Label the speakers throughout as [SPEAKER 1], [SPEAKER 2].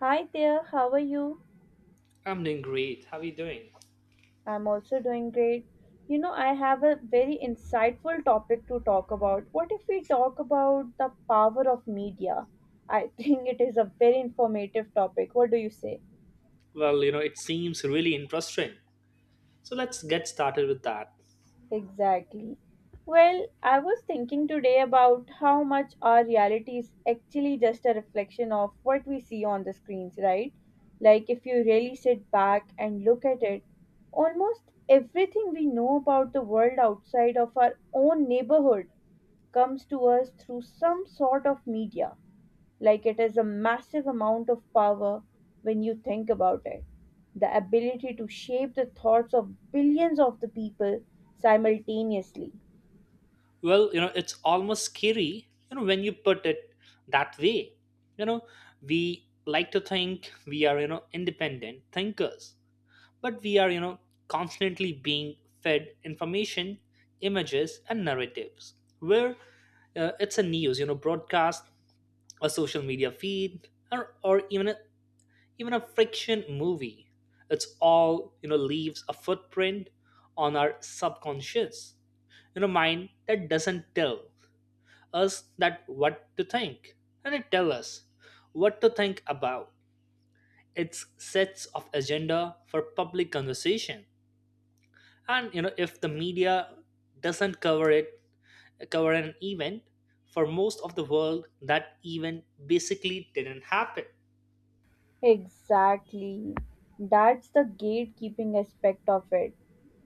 [SPEAKER 1] Hi there, how are you?
[SPEAKER 2] I'm doing great. How are you doing?
[SPEAKER 1] I'm also doing great. You know, I have a very insightful topic to talk about. What if we talk about the power of media? I think it is a very informative topic. What do you say?
[SPEAKER 2] Well, it seems really interesting. So let's get started with that.
[SPEAKER 1] Exactly. Well, I was thinking today about how much our reality is actually just a reflection of what we see on the screens, right? Like, if you really sit back and look at it, almost everything we know about the world outside of our own neighborhood comes to us through some sort of media. Like it is a massive amount of power when you think about it. The ability to shape the thoughts of billions of the people simultaneously.
[SPEAKER 2] Well, it's almost scary, when you put it that way. You know, we like to think we are, independent thinkers, but we are, constantly being fed information, images, and narratives. Where it's a news, broadcast, a social media feed, or even a friction movie. It's all, leaves a footprint on our subconscious, mind that doesn't tell us that what to think, and it tells us what to think about. It sets of agenda for public conversation, and if the media doesn't cover an event, for most of the world that event basically didn't happen.
[SPEAKER 1] Exactly. That's the gatekeeping aspect of it.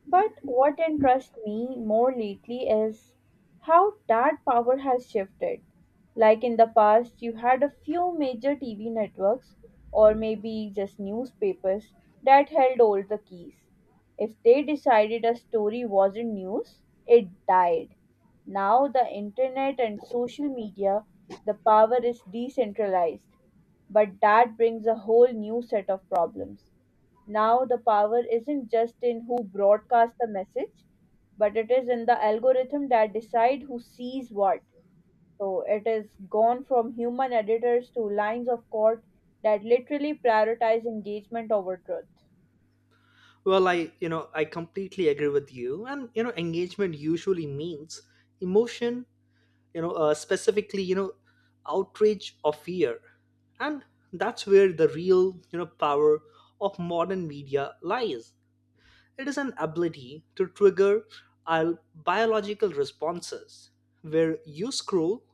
[SPEAKER 1] But what interests me more lately is how that power has shifted. Like in the past, you had a few major TV networks or maybe just newspapers that held all the keys. If they decided a story wasn't news, it died. Now, the internet and social media, the power is decentralized. But that brings a whole new set of problems. Now, the power isn't just in who broadcasts the message, but it is in the algorithm that decide who sees what. So it is gone from human editors to lines of court that literally prioritize engagement over truth.
[SPEAKER 2] Well, I completely agree with you. And, engagement usually means emotion, specifically, outrage or fear. And that's where the real, power of modern media lies. It is an ability to trigger our biological responses. Where you scroll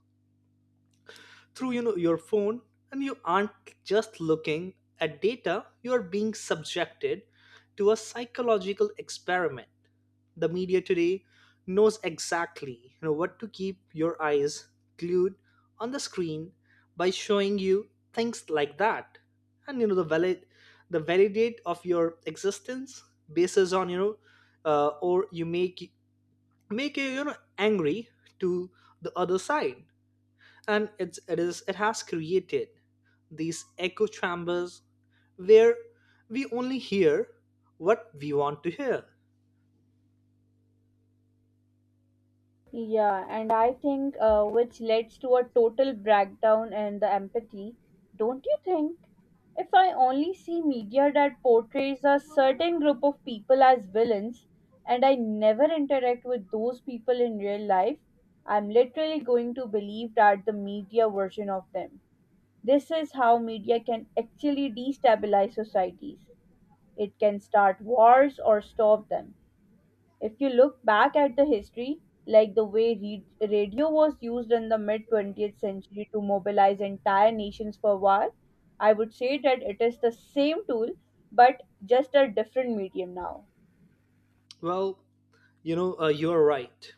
[SPEAKER 2] through, your phone, and you aren't just looking at data, you are being subjected to a psychological experiment. The media today knows exactly, what to keep your eyes glued on the screen by showing you things like that. And the validate of your existence bases on, or you make you, you know angry to the other side. And it's it is it has created these echo chambers where we only hear what we want to hear.
[SPEAKER 1] Yeah, and I think which leads to a total breakdown in the empathy, don't you think? If I only see media that portrays a certain group of people as villains and I never interact with those people in real life, I'm literally going to believe that the media version of them. This is how media can actually destabilize societies. It can start wars or stop them if you look back at the history, like the way radio was used in the mid 20th century to mobilize entire nations for war, I would say that it is the same tool but just a different medium now.
[SPEAKER 2] Well, you're right,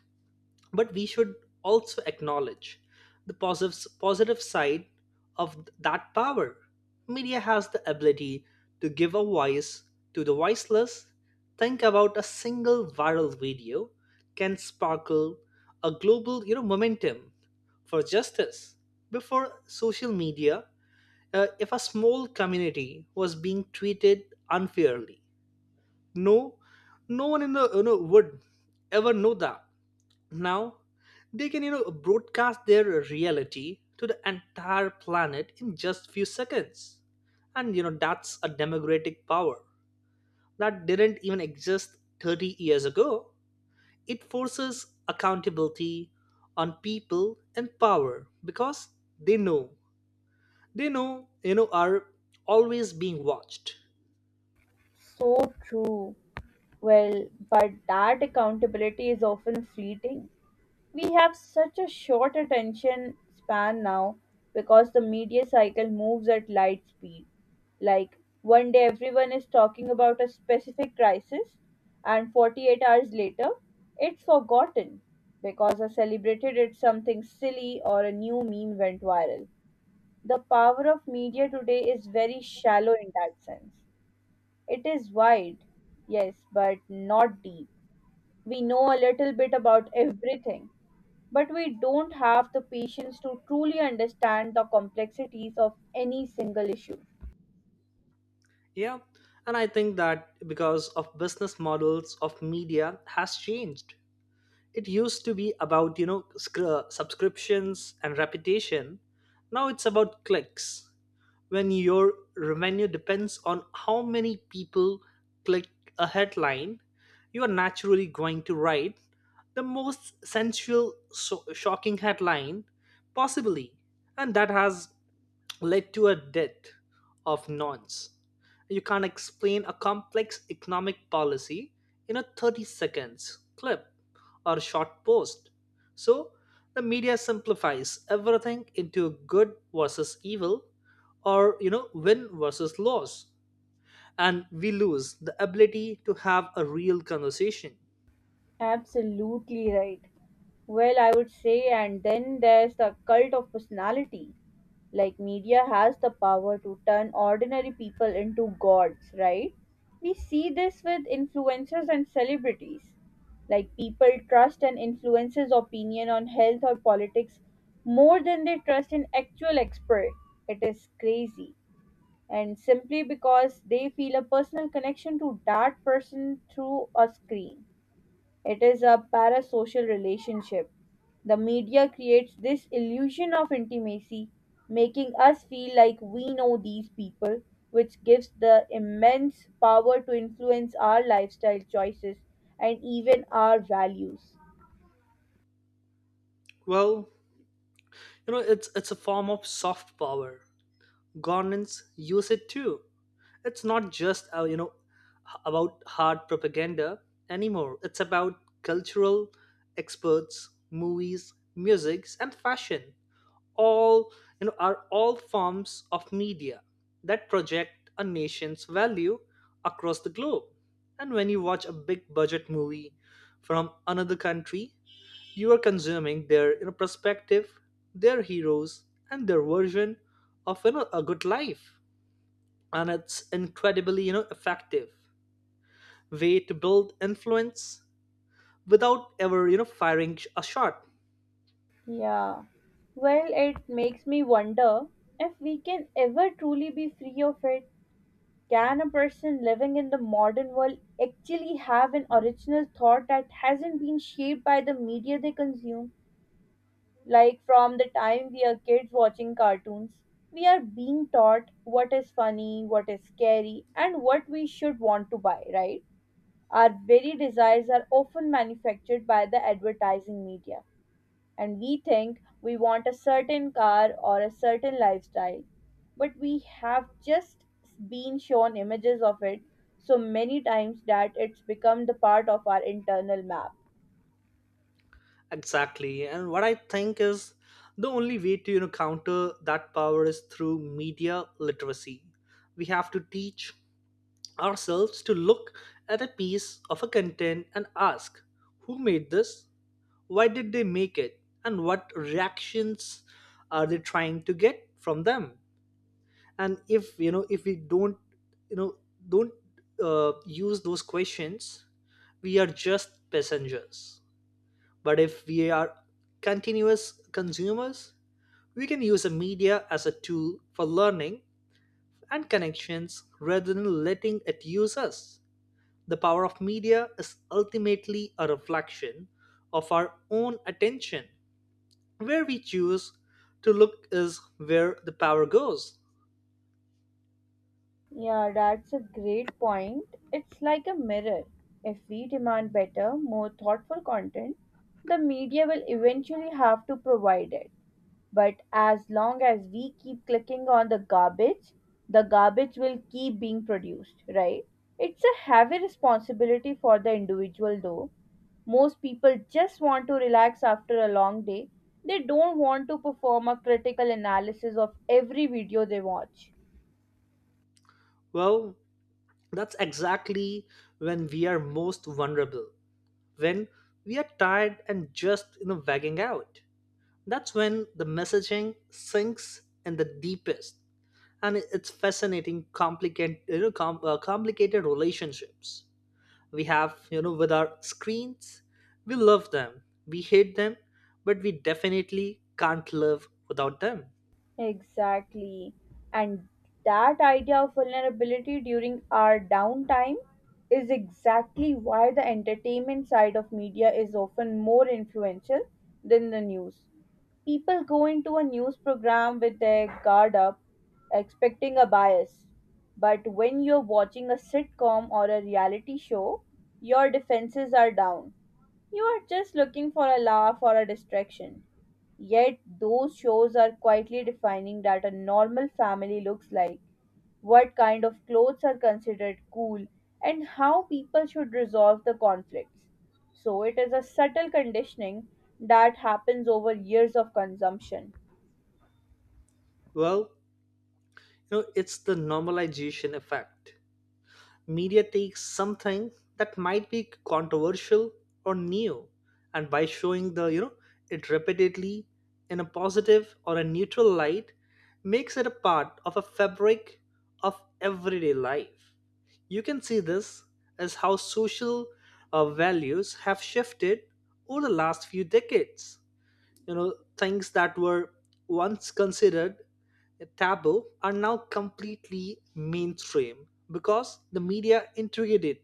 [SPEAKER 2] but we should also acknowledge the positive side of that power. Media has the ability to give a voice to the voiceless. Think about a single viral video can sparkle a global, momentum for justice. Before social media, if a small community was being treated unfairly, no, no one in the, would ever know that. Now, they can, broadcast their reality to the entire planet in just few seconds. And, that's a democratic power that didn't even exist 30 years ago. It forces accountability on people in power, because they know, they know are always being watched.
[SPEAKER 1] So true. Well, but that accountability is often fleeting. We have such a short attention span now because the media cycle moves at light speed. Like, one day everyone is talking about a specific crisis, and 48 hours later, it's forgotten because I celebrated it something silly or a new meme went viral. The power of media today is very shallow in that sense. It is wide, yes, but not deep. We know a little bit about everything, but we don't have the patience to truly understand the complexities of any single issue.
[SPEAKER 2] Yeah. And I think that because of business models of media has changed. It used to be about, subscriptions and reputation. Now it's about clicks. When your revenue depends on how many people click a headline, you are naturally going to write the most sensual shocking headline possibly, and that has led to a death of nuns. You can't explain a complex economic policy in a 30 seconds clip or short post. So, the media simplifies everything into good versus evil, or, win versus loss. And we lose the ability to have a real conversation.
[SPEAKER 1] Absolutely right. Well, I would say, and then there's the cult of personality. Like, media has the power to turn ordinary people into gods, right? We see this with influencers and celebrities. Like, people trust an influencer's opinion on health or politics more than they trust an actual expert. It is crazy. And simply because they feel a personal connection to that person through a screen. It is a parasocial relationship. The media creates this illusion of intimacy, making us feel like we know these people, which gives the immense power to influence our lifestyle choices and even our values.
[SPEAKER 2] Well, it's a form of soft power. Governments use it too. It's not just about hard propaganda anymore. It's about cultural experts, movies, musics, and fashion. All, are all forms of media that project a nation's value across the globe. And when you watch a big budget movie from another country, you are consuming their, perspective, their heroes, and their version of, a good life. And it's incredibly, effective way to build influence without ever, firing a shot.
[SPEAKER 1] Yeah. Well, it makes me wonder if we can ever truly be free of it. Can a person living in the modern world actually have an original thought that hasn't been shaped by the media they consume? Like from the time we are kids watching cartoons, we are being taught what is funny, what is scary, and what we should want to buy, right? Our very desires are often manufactured by the advertising media, and we think we want a certain car or a certain lifestyle, but we have just been shown images of it so many times that it's become the part of our internal map.
[SPEAKER 2] Exactly, and what I think is the only way to, counter that power is through media literacy. We have to teach ourselves to look at a piece of a content and ask, who made this, why did they make it, and what reactions are they trying to get from them? And if we don't you know don't use those questions, we are just passengers. But if we are continuous consumers, we can use the media as a tool for learning and connections rather than letting it use us. The power of media is ultimately a reflection of our own attention. Where we choose to look is where the power goes.
[SPEAKER 1] Yeah, that's a great point. It's like a mirror. If we demand better, more thoughtful content, the media will eventually have to provide it. But as long as we keep clicking on the garbage will keep being produced, right? It's a heavy responsibility for the individual, though. Most people just want to relax after a long day. They don't want to perform a critical analysis of every video they watch.
[SPEAKER 2] Well, that's exactly when we are most vulnerable, when we are tired and just, wagging out. That's when the messaging sinks in the deepest, and it's fascinating, complicated, complicated relationships we have, with our screens. We love them, we hate them, but we definitely can't live without them.
[SPEAKER 1] Exactly. And that idea of vulnerability during our downtime is exactly why the entertainment side of media is often more influential than the news. People go into a news program with their guard up, expecting a bias. But when you're watching a sitcom or a reality show, your defenses are down. You are just looking for a laugh or a distraction. Yet those shows are quietly defining that a normal family looks like, what kind of clothes are considered cool, and how people should resolve the conflicts. So it is a subtle conditioning that happens over years of consumption.
[SPEAKER 2] Well, it's the normalization effect. Media takes something that might be controversial or new, and by showing the, it repeatedly in a positive or a neutral light, makes it a part of a fabric of everyday life. You can see this as how social values have shifted over the last few decades. You know, things that were once considered taboo are now completely mainstream because the media integrated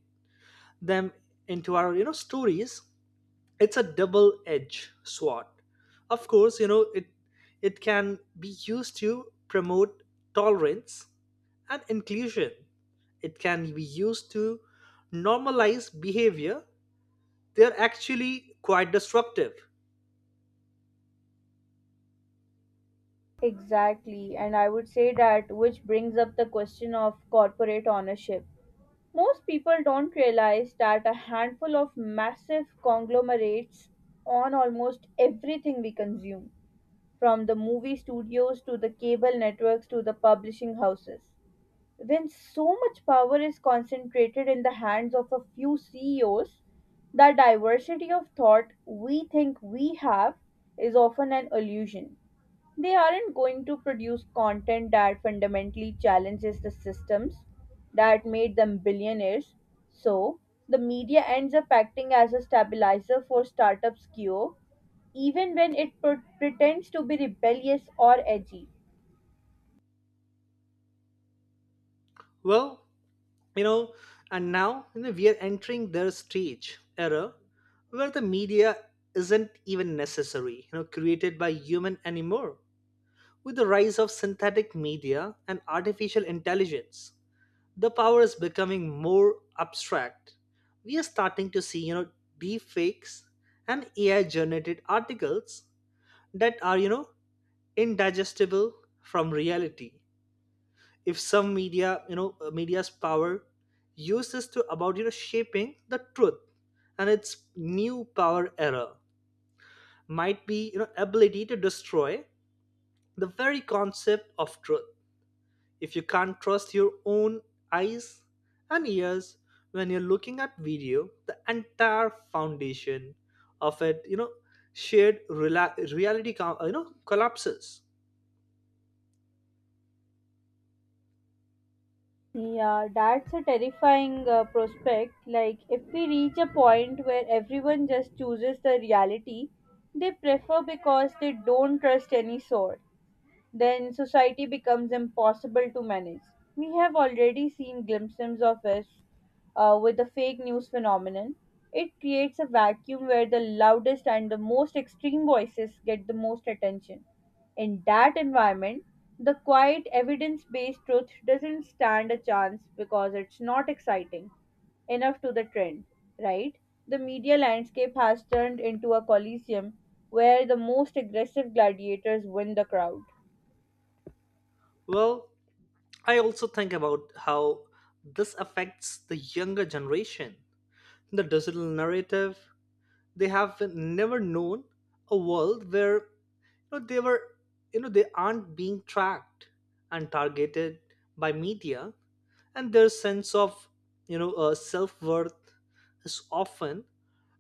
[SPEAKER 2] them into our, stories. It's a double edged sword, of course. You know, it can be used to promote tolerance and inclusion. It can be used to normalize behavior they're actually quite destructive.
[SPEAKER 1] Exactly, and I would say that which brings up the question of corporate ownership. Most people don't realize that a handful of massive conglomerates own almost everything we consume from the movie studios to the cable networks to the publishing houses. When so much power is concentrated in the hands of a few CEOs, the diversity of thought we think we have is often an illusion. They aren't going to produce content that fundamentally challenges the systems that made them billionaires. So, the media ends up acting as a stabilizer for startups' cure even when it pretends to be rebellious or edgy.
[SPEAKER 2] Well, you know and now you know, we are entering their stage era where the media isn't even necessary, created by human anymore. With the rise of synthetic media and artificial intelligence, the power is becoming more abstract. We are starting to see, deep fakes and AI generated articles that are, indigestible from reality. If some media, media's power uses to about, shaping the truth. And its new power error might be, ability to destroy the very concept of truth. If you can't trust your own eyes and ears when you're looking at video, the entire foundation of it, shared reality collapses.
[SPEAKER 1] Yeah, that's a terrifying prospect. Like, if we reach a point where everyone just chooses the reality they prefer because they don't trust any source, then society becomes impossible to manage. We have already seen glimpses of this with the fake news phenomenon. It creates a vacuum where the loudest and the most extreme voices get the most attention. In that environment, the quiet, evidence based truth doesn't stand a chance because it's not exciting enough to the trend, right? The media landscape has turned into a coliseum where the most aggressive gladiators win the crowd.
[SPEAKER 2] Well, I also think about how this affects the younger generation. The digital narrative, they have never known a world where, they were you know they aren't being tracked and targeted by media. And their sense of, self worth is often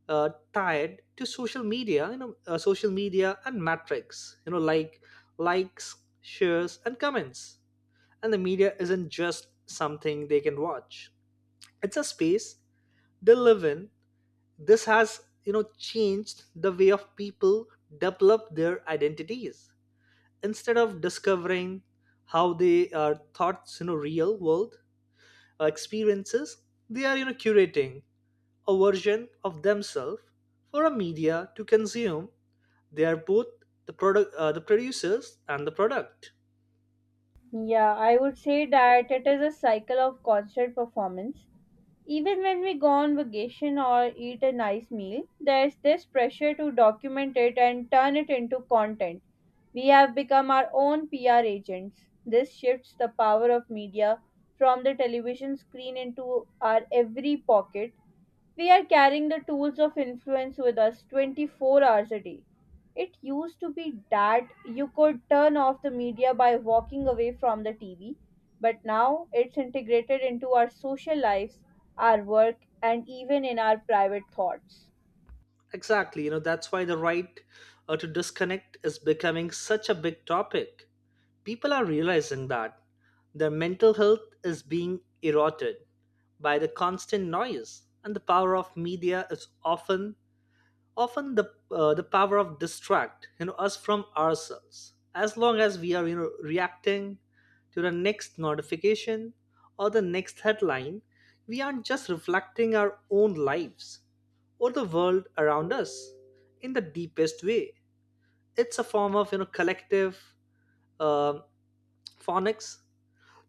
[SPEAKER 2] tied to social media and metrics, like likes, shares, and comments. And the media isn't just something they can watch. It's a space they live in. This has, changed the way of people develop their identities. Instead of discovering how they are thoughts, real world experiences, they are, curating a version of themselves for a media to consume. They are both the producers, and the product.
[SPEAKER 1] Yeah, I would say that it is a cycle of constant performance. Even when we go on vacation or eat a nice meal, there's this pressure to document it and turn it into content. We have become our own PR agents. This shifts the power of media from the television screen into our every pocket. We are carrying the tools of influence with us 24 hours a day. It used to be that you could turn off the media by walking away from the TV, but now it's integrated into our social lives, our work, and even in our private thoughts.
[SPEAKER 2] Exactly, that's why the right to disconnect is becoming such a big topic. People are realizing that their mental health is being eroded by the constant noise. And the power of media is often the power of distract, us from ourselves. As long as we are, reacting to the next notification or the next headline, we aren't just reflecting our own lives or the world around us in the deepest way. It's a form of, collective uh, phonics.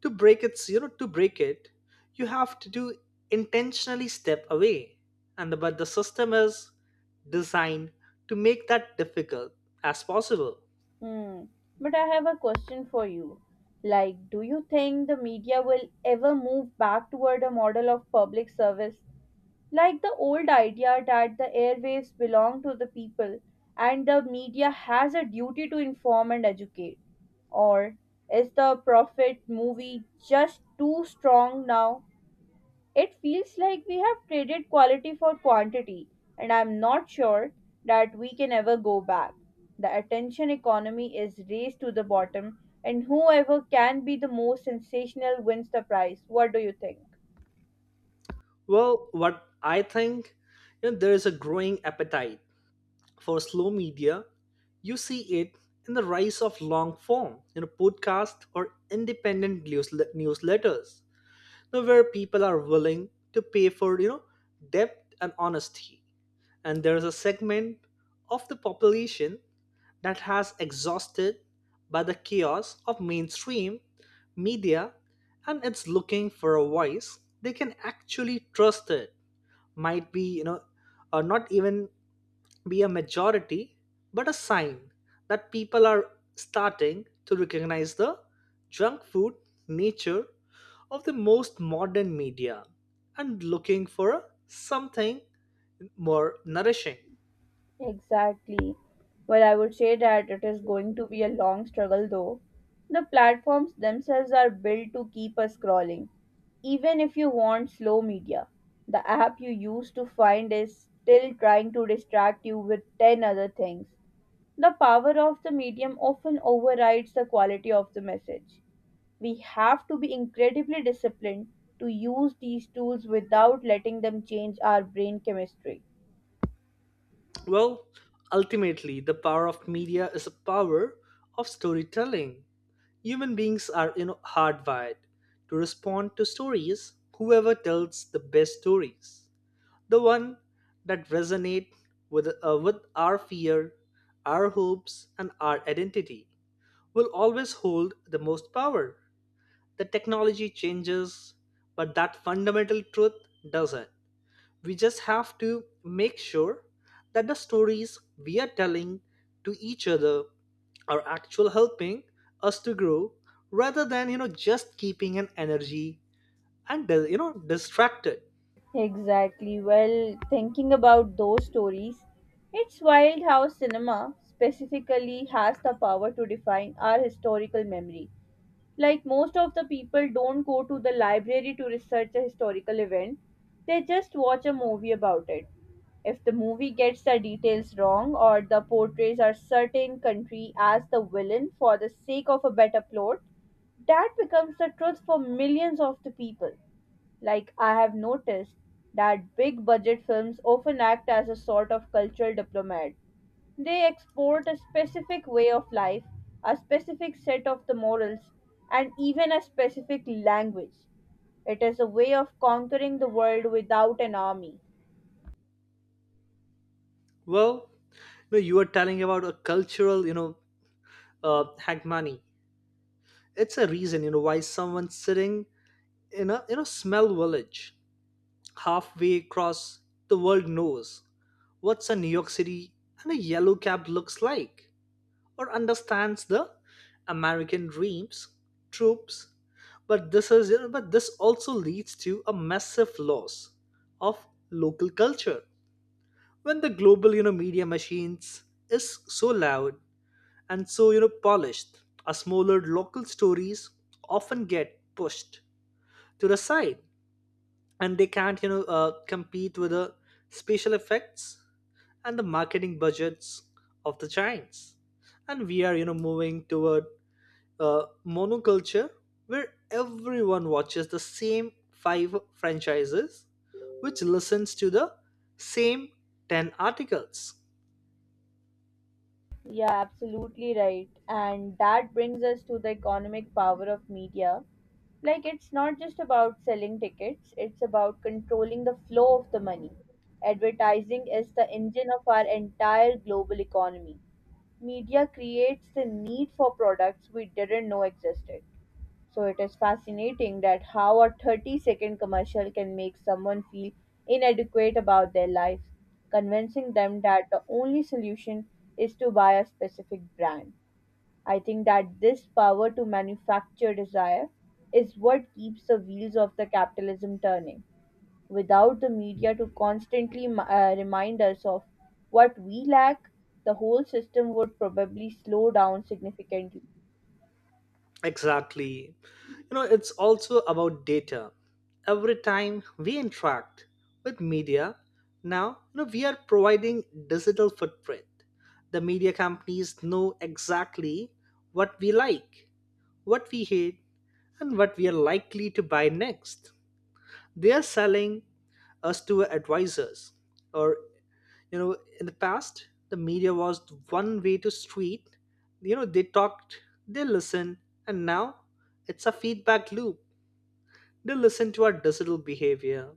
[SPEAKER 2] To break it, to break it you have to do intentionally step away. And but the system is designed to make that difficult as possible.
[SPEAKER 1] Hmm. But I have a question for you. Like, do you think the media will ever move back toward a model of public service? Like the old idea that the airwaves belong to the people and the media has a duty to inform and educate. Or is the profit movie just too strong now? It feels like we have traded quality for quantity, and I'm not sure that we can ever go back. The attention economy is raised to the bottom, and whoever can be the most sensational wins the prize. What do you think?
[SPEAKER 2] Well, what I think, there is a growing appetite for slow media. You see it in the rise of long form, podcast or independent news, newsletters, where people are willing to pay for, depth and honesty. And there is a segment of the population that has exhausted by the chaos of mainstream media, and it's looking for a voice they can actually trust. It might be, or not even be a majority, but a sign that people are starting to recognize the junk food nature of the most modern media and looking for something more nourishing.
[SPEAKER 1] Exactly. Well, I would say that it is going to be a long struggle though. The platforms themselves are built to keep us scrolling. Even if you want slow media, the app you used to find is still trying to distract you with 10 other things. The power of the medium often overrides the quality of the message. We have to be incredibly disciplined to use these tools without letting them change our brain chemistry.
[SPEAKER 2] Well, ultimately, the power of media is a power of storytelling. Human beings are, hardwired to respond to stories. Whoever tells the best stories, the one that resonate with our fear, our hopes, and our identity, will always hold the most power. The technology changes, but that fundamental truth doesn't. We just have to make sure that the stories we are telling to each other are actually helping us to grow rather than, just keeping an energy and, distracted.
[SPEAKER 1] Exactly. Well, thinking about those stories, it's wild how cinema specifically has the power to define our historical memory. Like most of the people don't go to the library to research a historical event, they just watch a movie about it. If the movie gets the details wrong or the portrays a certain country as the villain for the sake of a better plot, that becomes the truth for millions of the people. Like, I have noticed that big budget films often act as a sort of cultural diplomat. They export a specific way of life, a specific set of the morals, and even a specific language. It is a way of conquering the world without an army.
[SPEAKER 2] Well, you are telling about a cultural, hagmani. It's a reason, why someone sitting in a, smell village halfway across the world knows what's a New York City and a yellow cab looks like. Or understands the American dreams, troops, but this is but this also leads to a massive loss of local culture when the global media machines is so loud and so polished. Our smaller local stories often get pushed to the side, and they can't compete with the special effects and the marketing budgets of the giants. And we are moving toward monoculture, where everyone watches the same five franchises, which listens to the same 10 articles.
[SPEAKER 1] Yeah, absolutely right. And that brings us to the economic power of media. Like, it's not just about selling tickets, it's about controlling the flow of the money. Advertising is the engine of our entire global economy. Media creates the need for products we didn't know existed. So it is fascinating that how a 30-second commercial can make someone feel inadequate about their life, convincing them that the only solution is to buy a specific brand. I think that this power to manufacture desire is what keeps the wheels of the capitalism turning. Without the media to constantly remind us of what we lack, the whole system would probably slow down significantly.
[SPEAKER 2] Exactly. It's also about data. Every time we interact with media, now, we are providing digital footprint. The media companies know exactly what we like, what we hate, and what we are likely to buy next. They are selling us to advisors. Or in the past, the media was one way to street, they talked, they listened, and now it's a feedback loop. They listen to our digital behavior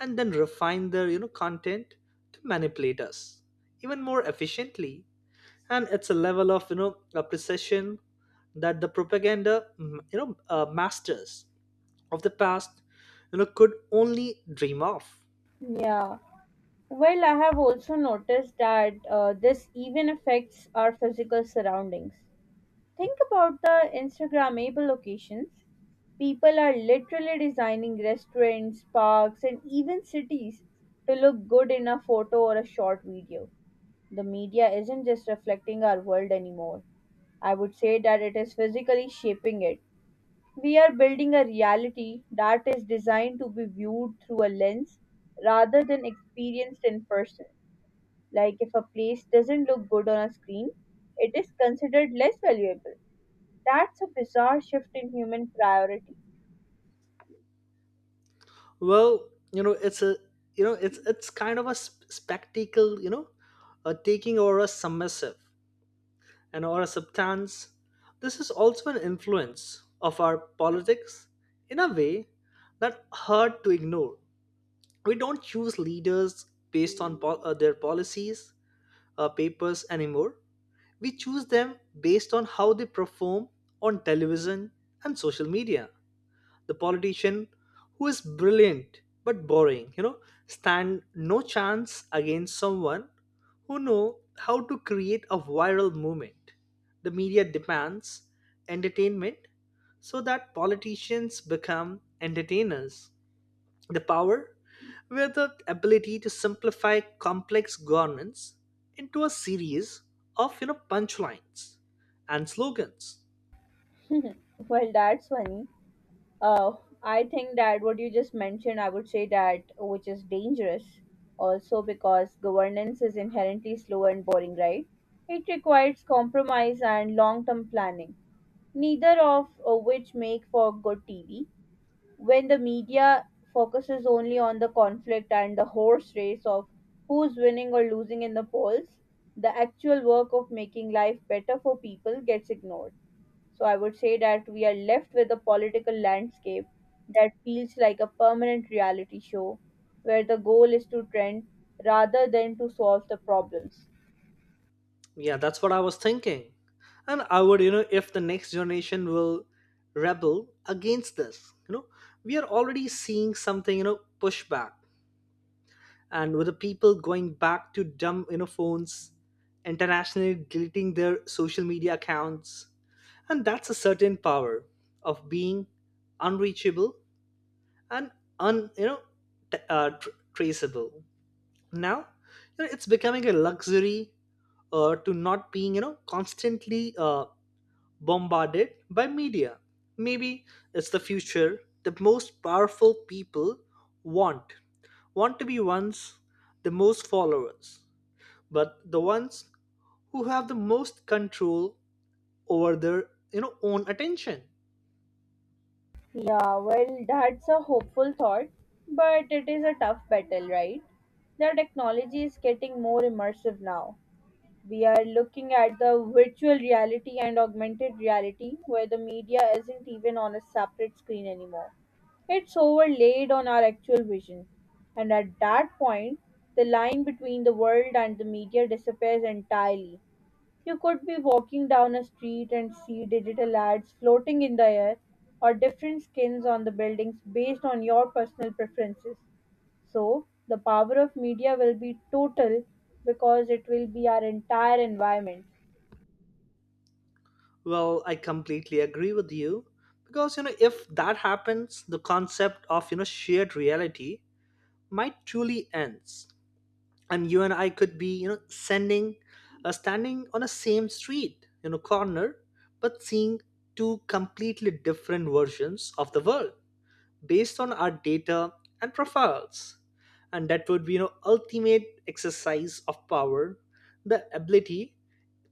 [SPEAKER 2] and then refine their content to manipulate us even more efficiently. And it's a level of a precision that the propaganda masters of the past could only dream of.
[SPEAKER 1] Yeah. Well, I have also noticed that this even affects our physical surroundings. Think about the Instagrammable locations. People are literally designing restaurants, parks, and even cities to look good in a photo or a short video. The media isn't just reflecting our world anymore. I would say that it is physically shaping it. We are building a reality that is designed to be viewed through a lens rather than experienced in person. Like if a place doesn't look good on a screen, it is considered less valuable. That's a bizarre shift in human priority.
[SPEAKER 2] Well, it's kind of a spectacle, a taking or a submissive and or a substance. This is also an influence of our politics in a way that hard to ignore. We don't choose leaders based on their policies, papers anymore. We choose them based on how they perform on television and social media. The politician who is brilliant but boring stand no chance against someone who know how to create a viral movement. The media demands entertainment, so that politicians become entertainers, the power with the ability to simplify complex governance into a series of punchlines and slogans.
[SPEAKER 1] Well, that's funny. Uh, I think that what you just mentioned, I would say that which is dangerous also because governance is inherently slow and boring, right? It requires compromise and long term planning, neither of which make for good TV. When the media focuses only on the conflict and the horse race of who's winning or losing in the polls, the actual work of making life better for people gets ignored. So I would say that we are left with a political landscape that feels like a permanent reality show where the goal is to trend rather than to solve the problems.
[SPEAKER 2] Yeah, that's what I was thinking. And I would, if the next generation will rebel against this, we are already seeing something, pushback. And with the people going back to dumb, phones, internationally deleting their social media accounts. And that's a certain power of being unreachable and un, you know, t- tr- traceable. Now, it's becoming a luxury to not being, constantly bombarded by media. Maybe it's the future the most powerful people want. want to be ones the most followers, but the ones who have the most control over their own attention.
[SPEAKER 1] Yeah, well, that's a hopeful thought, but it is a tough battle, right? The technology is getting more immersive now. We are looking at the virtual reality and augmented reality where the media isn't even on a separate screen anymore. It's overlaid on our actual vision. And at that point, the line between the world and the media disappears entirely. You could be walking down a street and see digital ads floating in the air or different skins on the buildings based on your personal preferences. So the power of media will be total because it will be our entire environment.
[SPEAKER 2] Well, I completely agree with you, because if that happens, the concept of shared reality might truly ends. And you and I could be, standing on a same street, corner, but seeing two completely different versions of the world based on our data and profiles. And that would be, ultimate exercise of power, the ability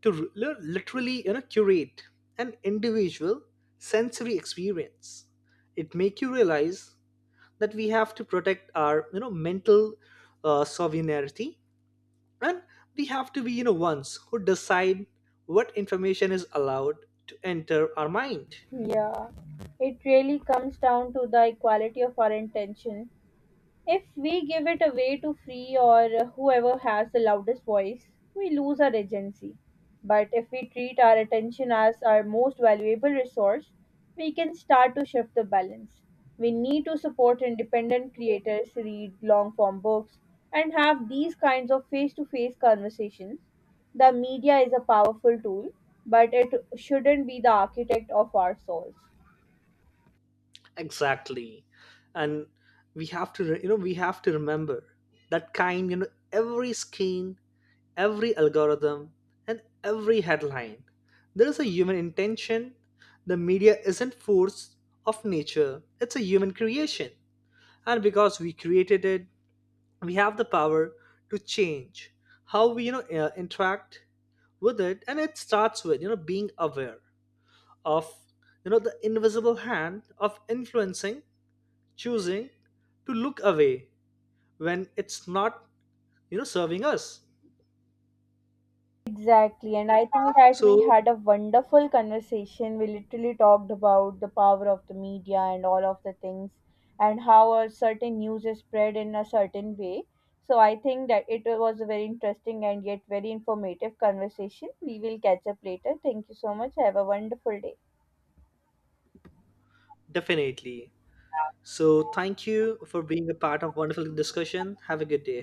[SPEAKER 2] to literally, curate an individual sensory experience. It make you realize that we have to protect our, mental sovereignty, and we have to be ones who decide what information is allowed to enter our mind.
[SPEAKER 1] Yeah, it really comes down to the equality of our intention. If we give it away to free or whoever has the loudest voice, we lose our agency. But if we treat our attention as our most valuable resource, we can start to shift the balance. We need to support independent creators, read long form books, and have these kinds of face to face conversations. The media is a powerful tool, but it shouldn't be the architect of our souls.
[SPEAKER 2] Exactly. And we have to remember that kind you know every screen, every algorithm, and every headline, there is a human intention. The media isn't force of nature, it's a human creation. And because we created it, we have the power to change how we interact with it. And it starts with being aware of the invisible hand of influencing, choosing to look away when it's not serving us.
[SPEAKER 1] Exactly. And I think that we
[SPEAKER 2] So
[SPEAKER 1] had a wonderful conversation. We literally talked about the power of the media and all of the things and how a certain news is spread in a certain way. So I think that it was a very interesting and yet very informative conversation. We will catch up later. Thank you so much. Have a wonderful day.
[SPEAKER 2] definitely, so thank you for being a part of wonderful discussion. Have a good day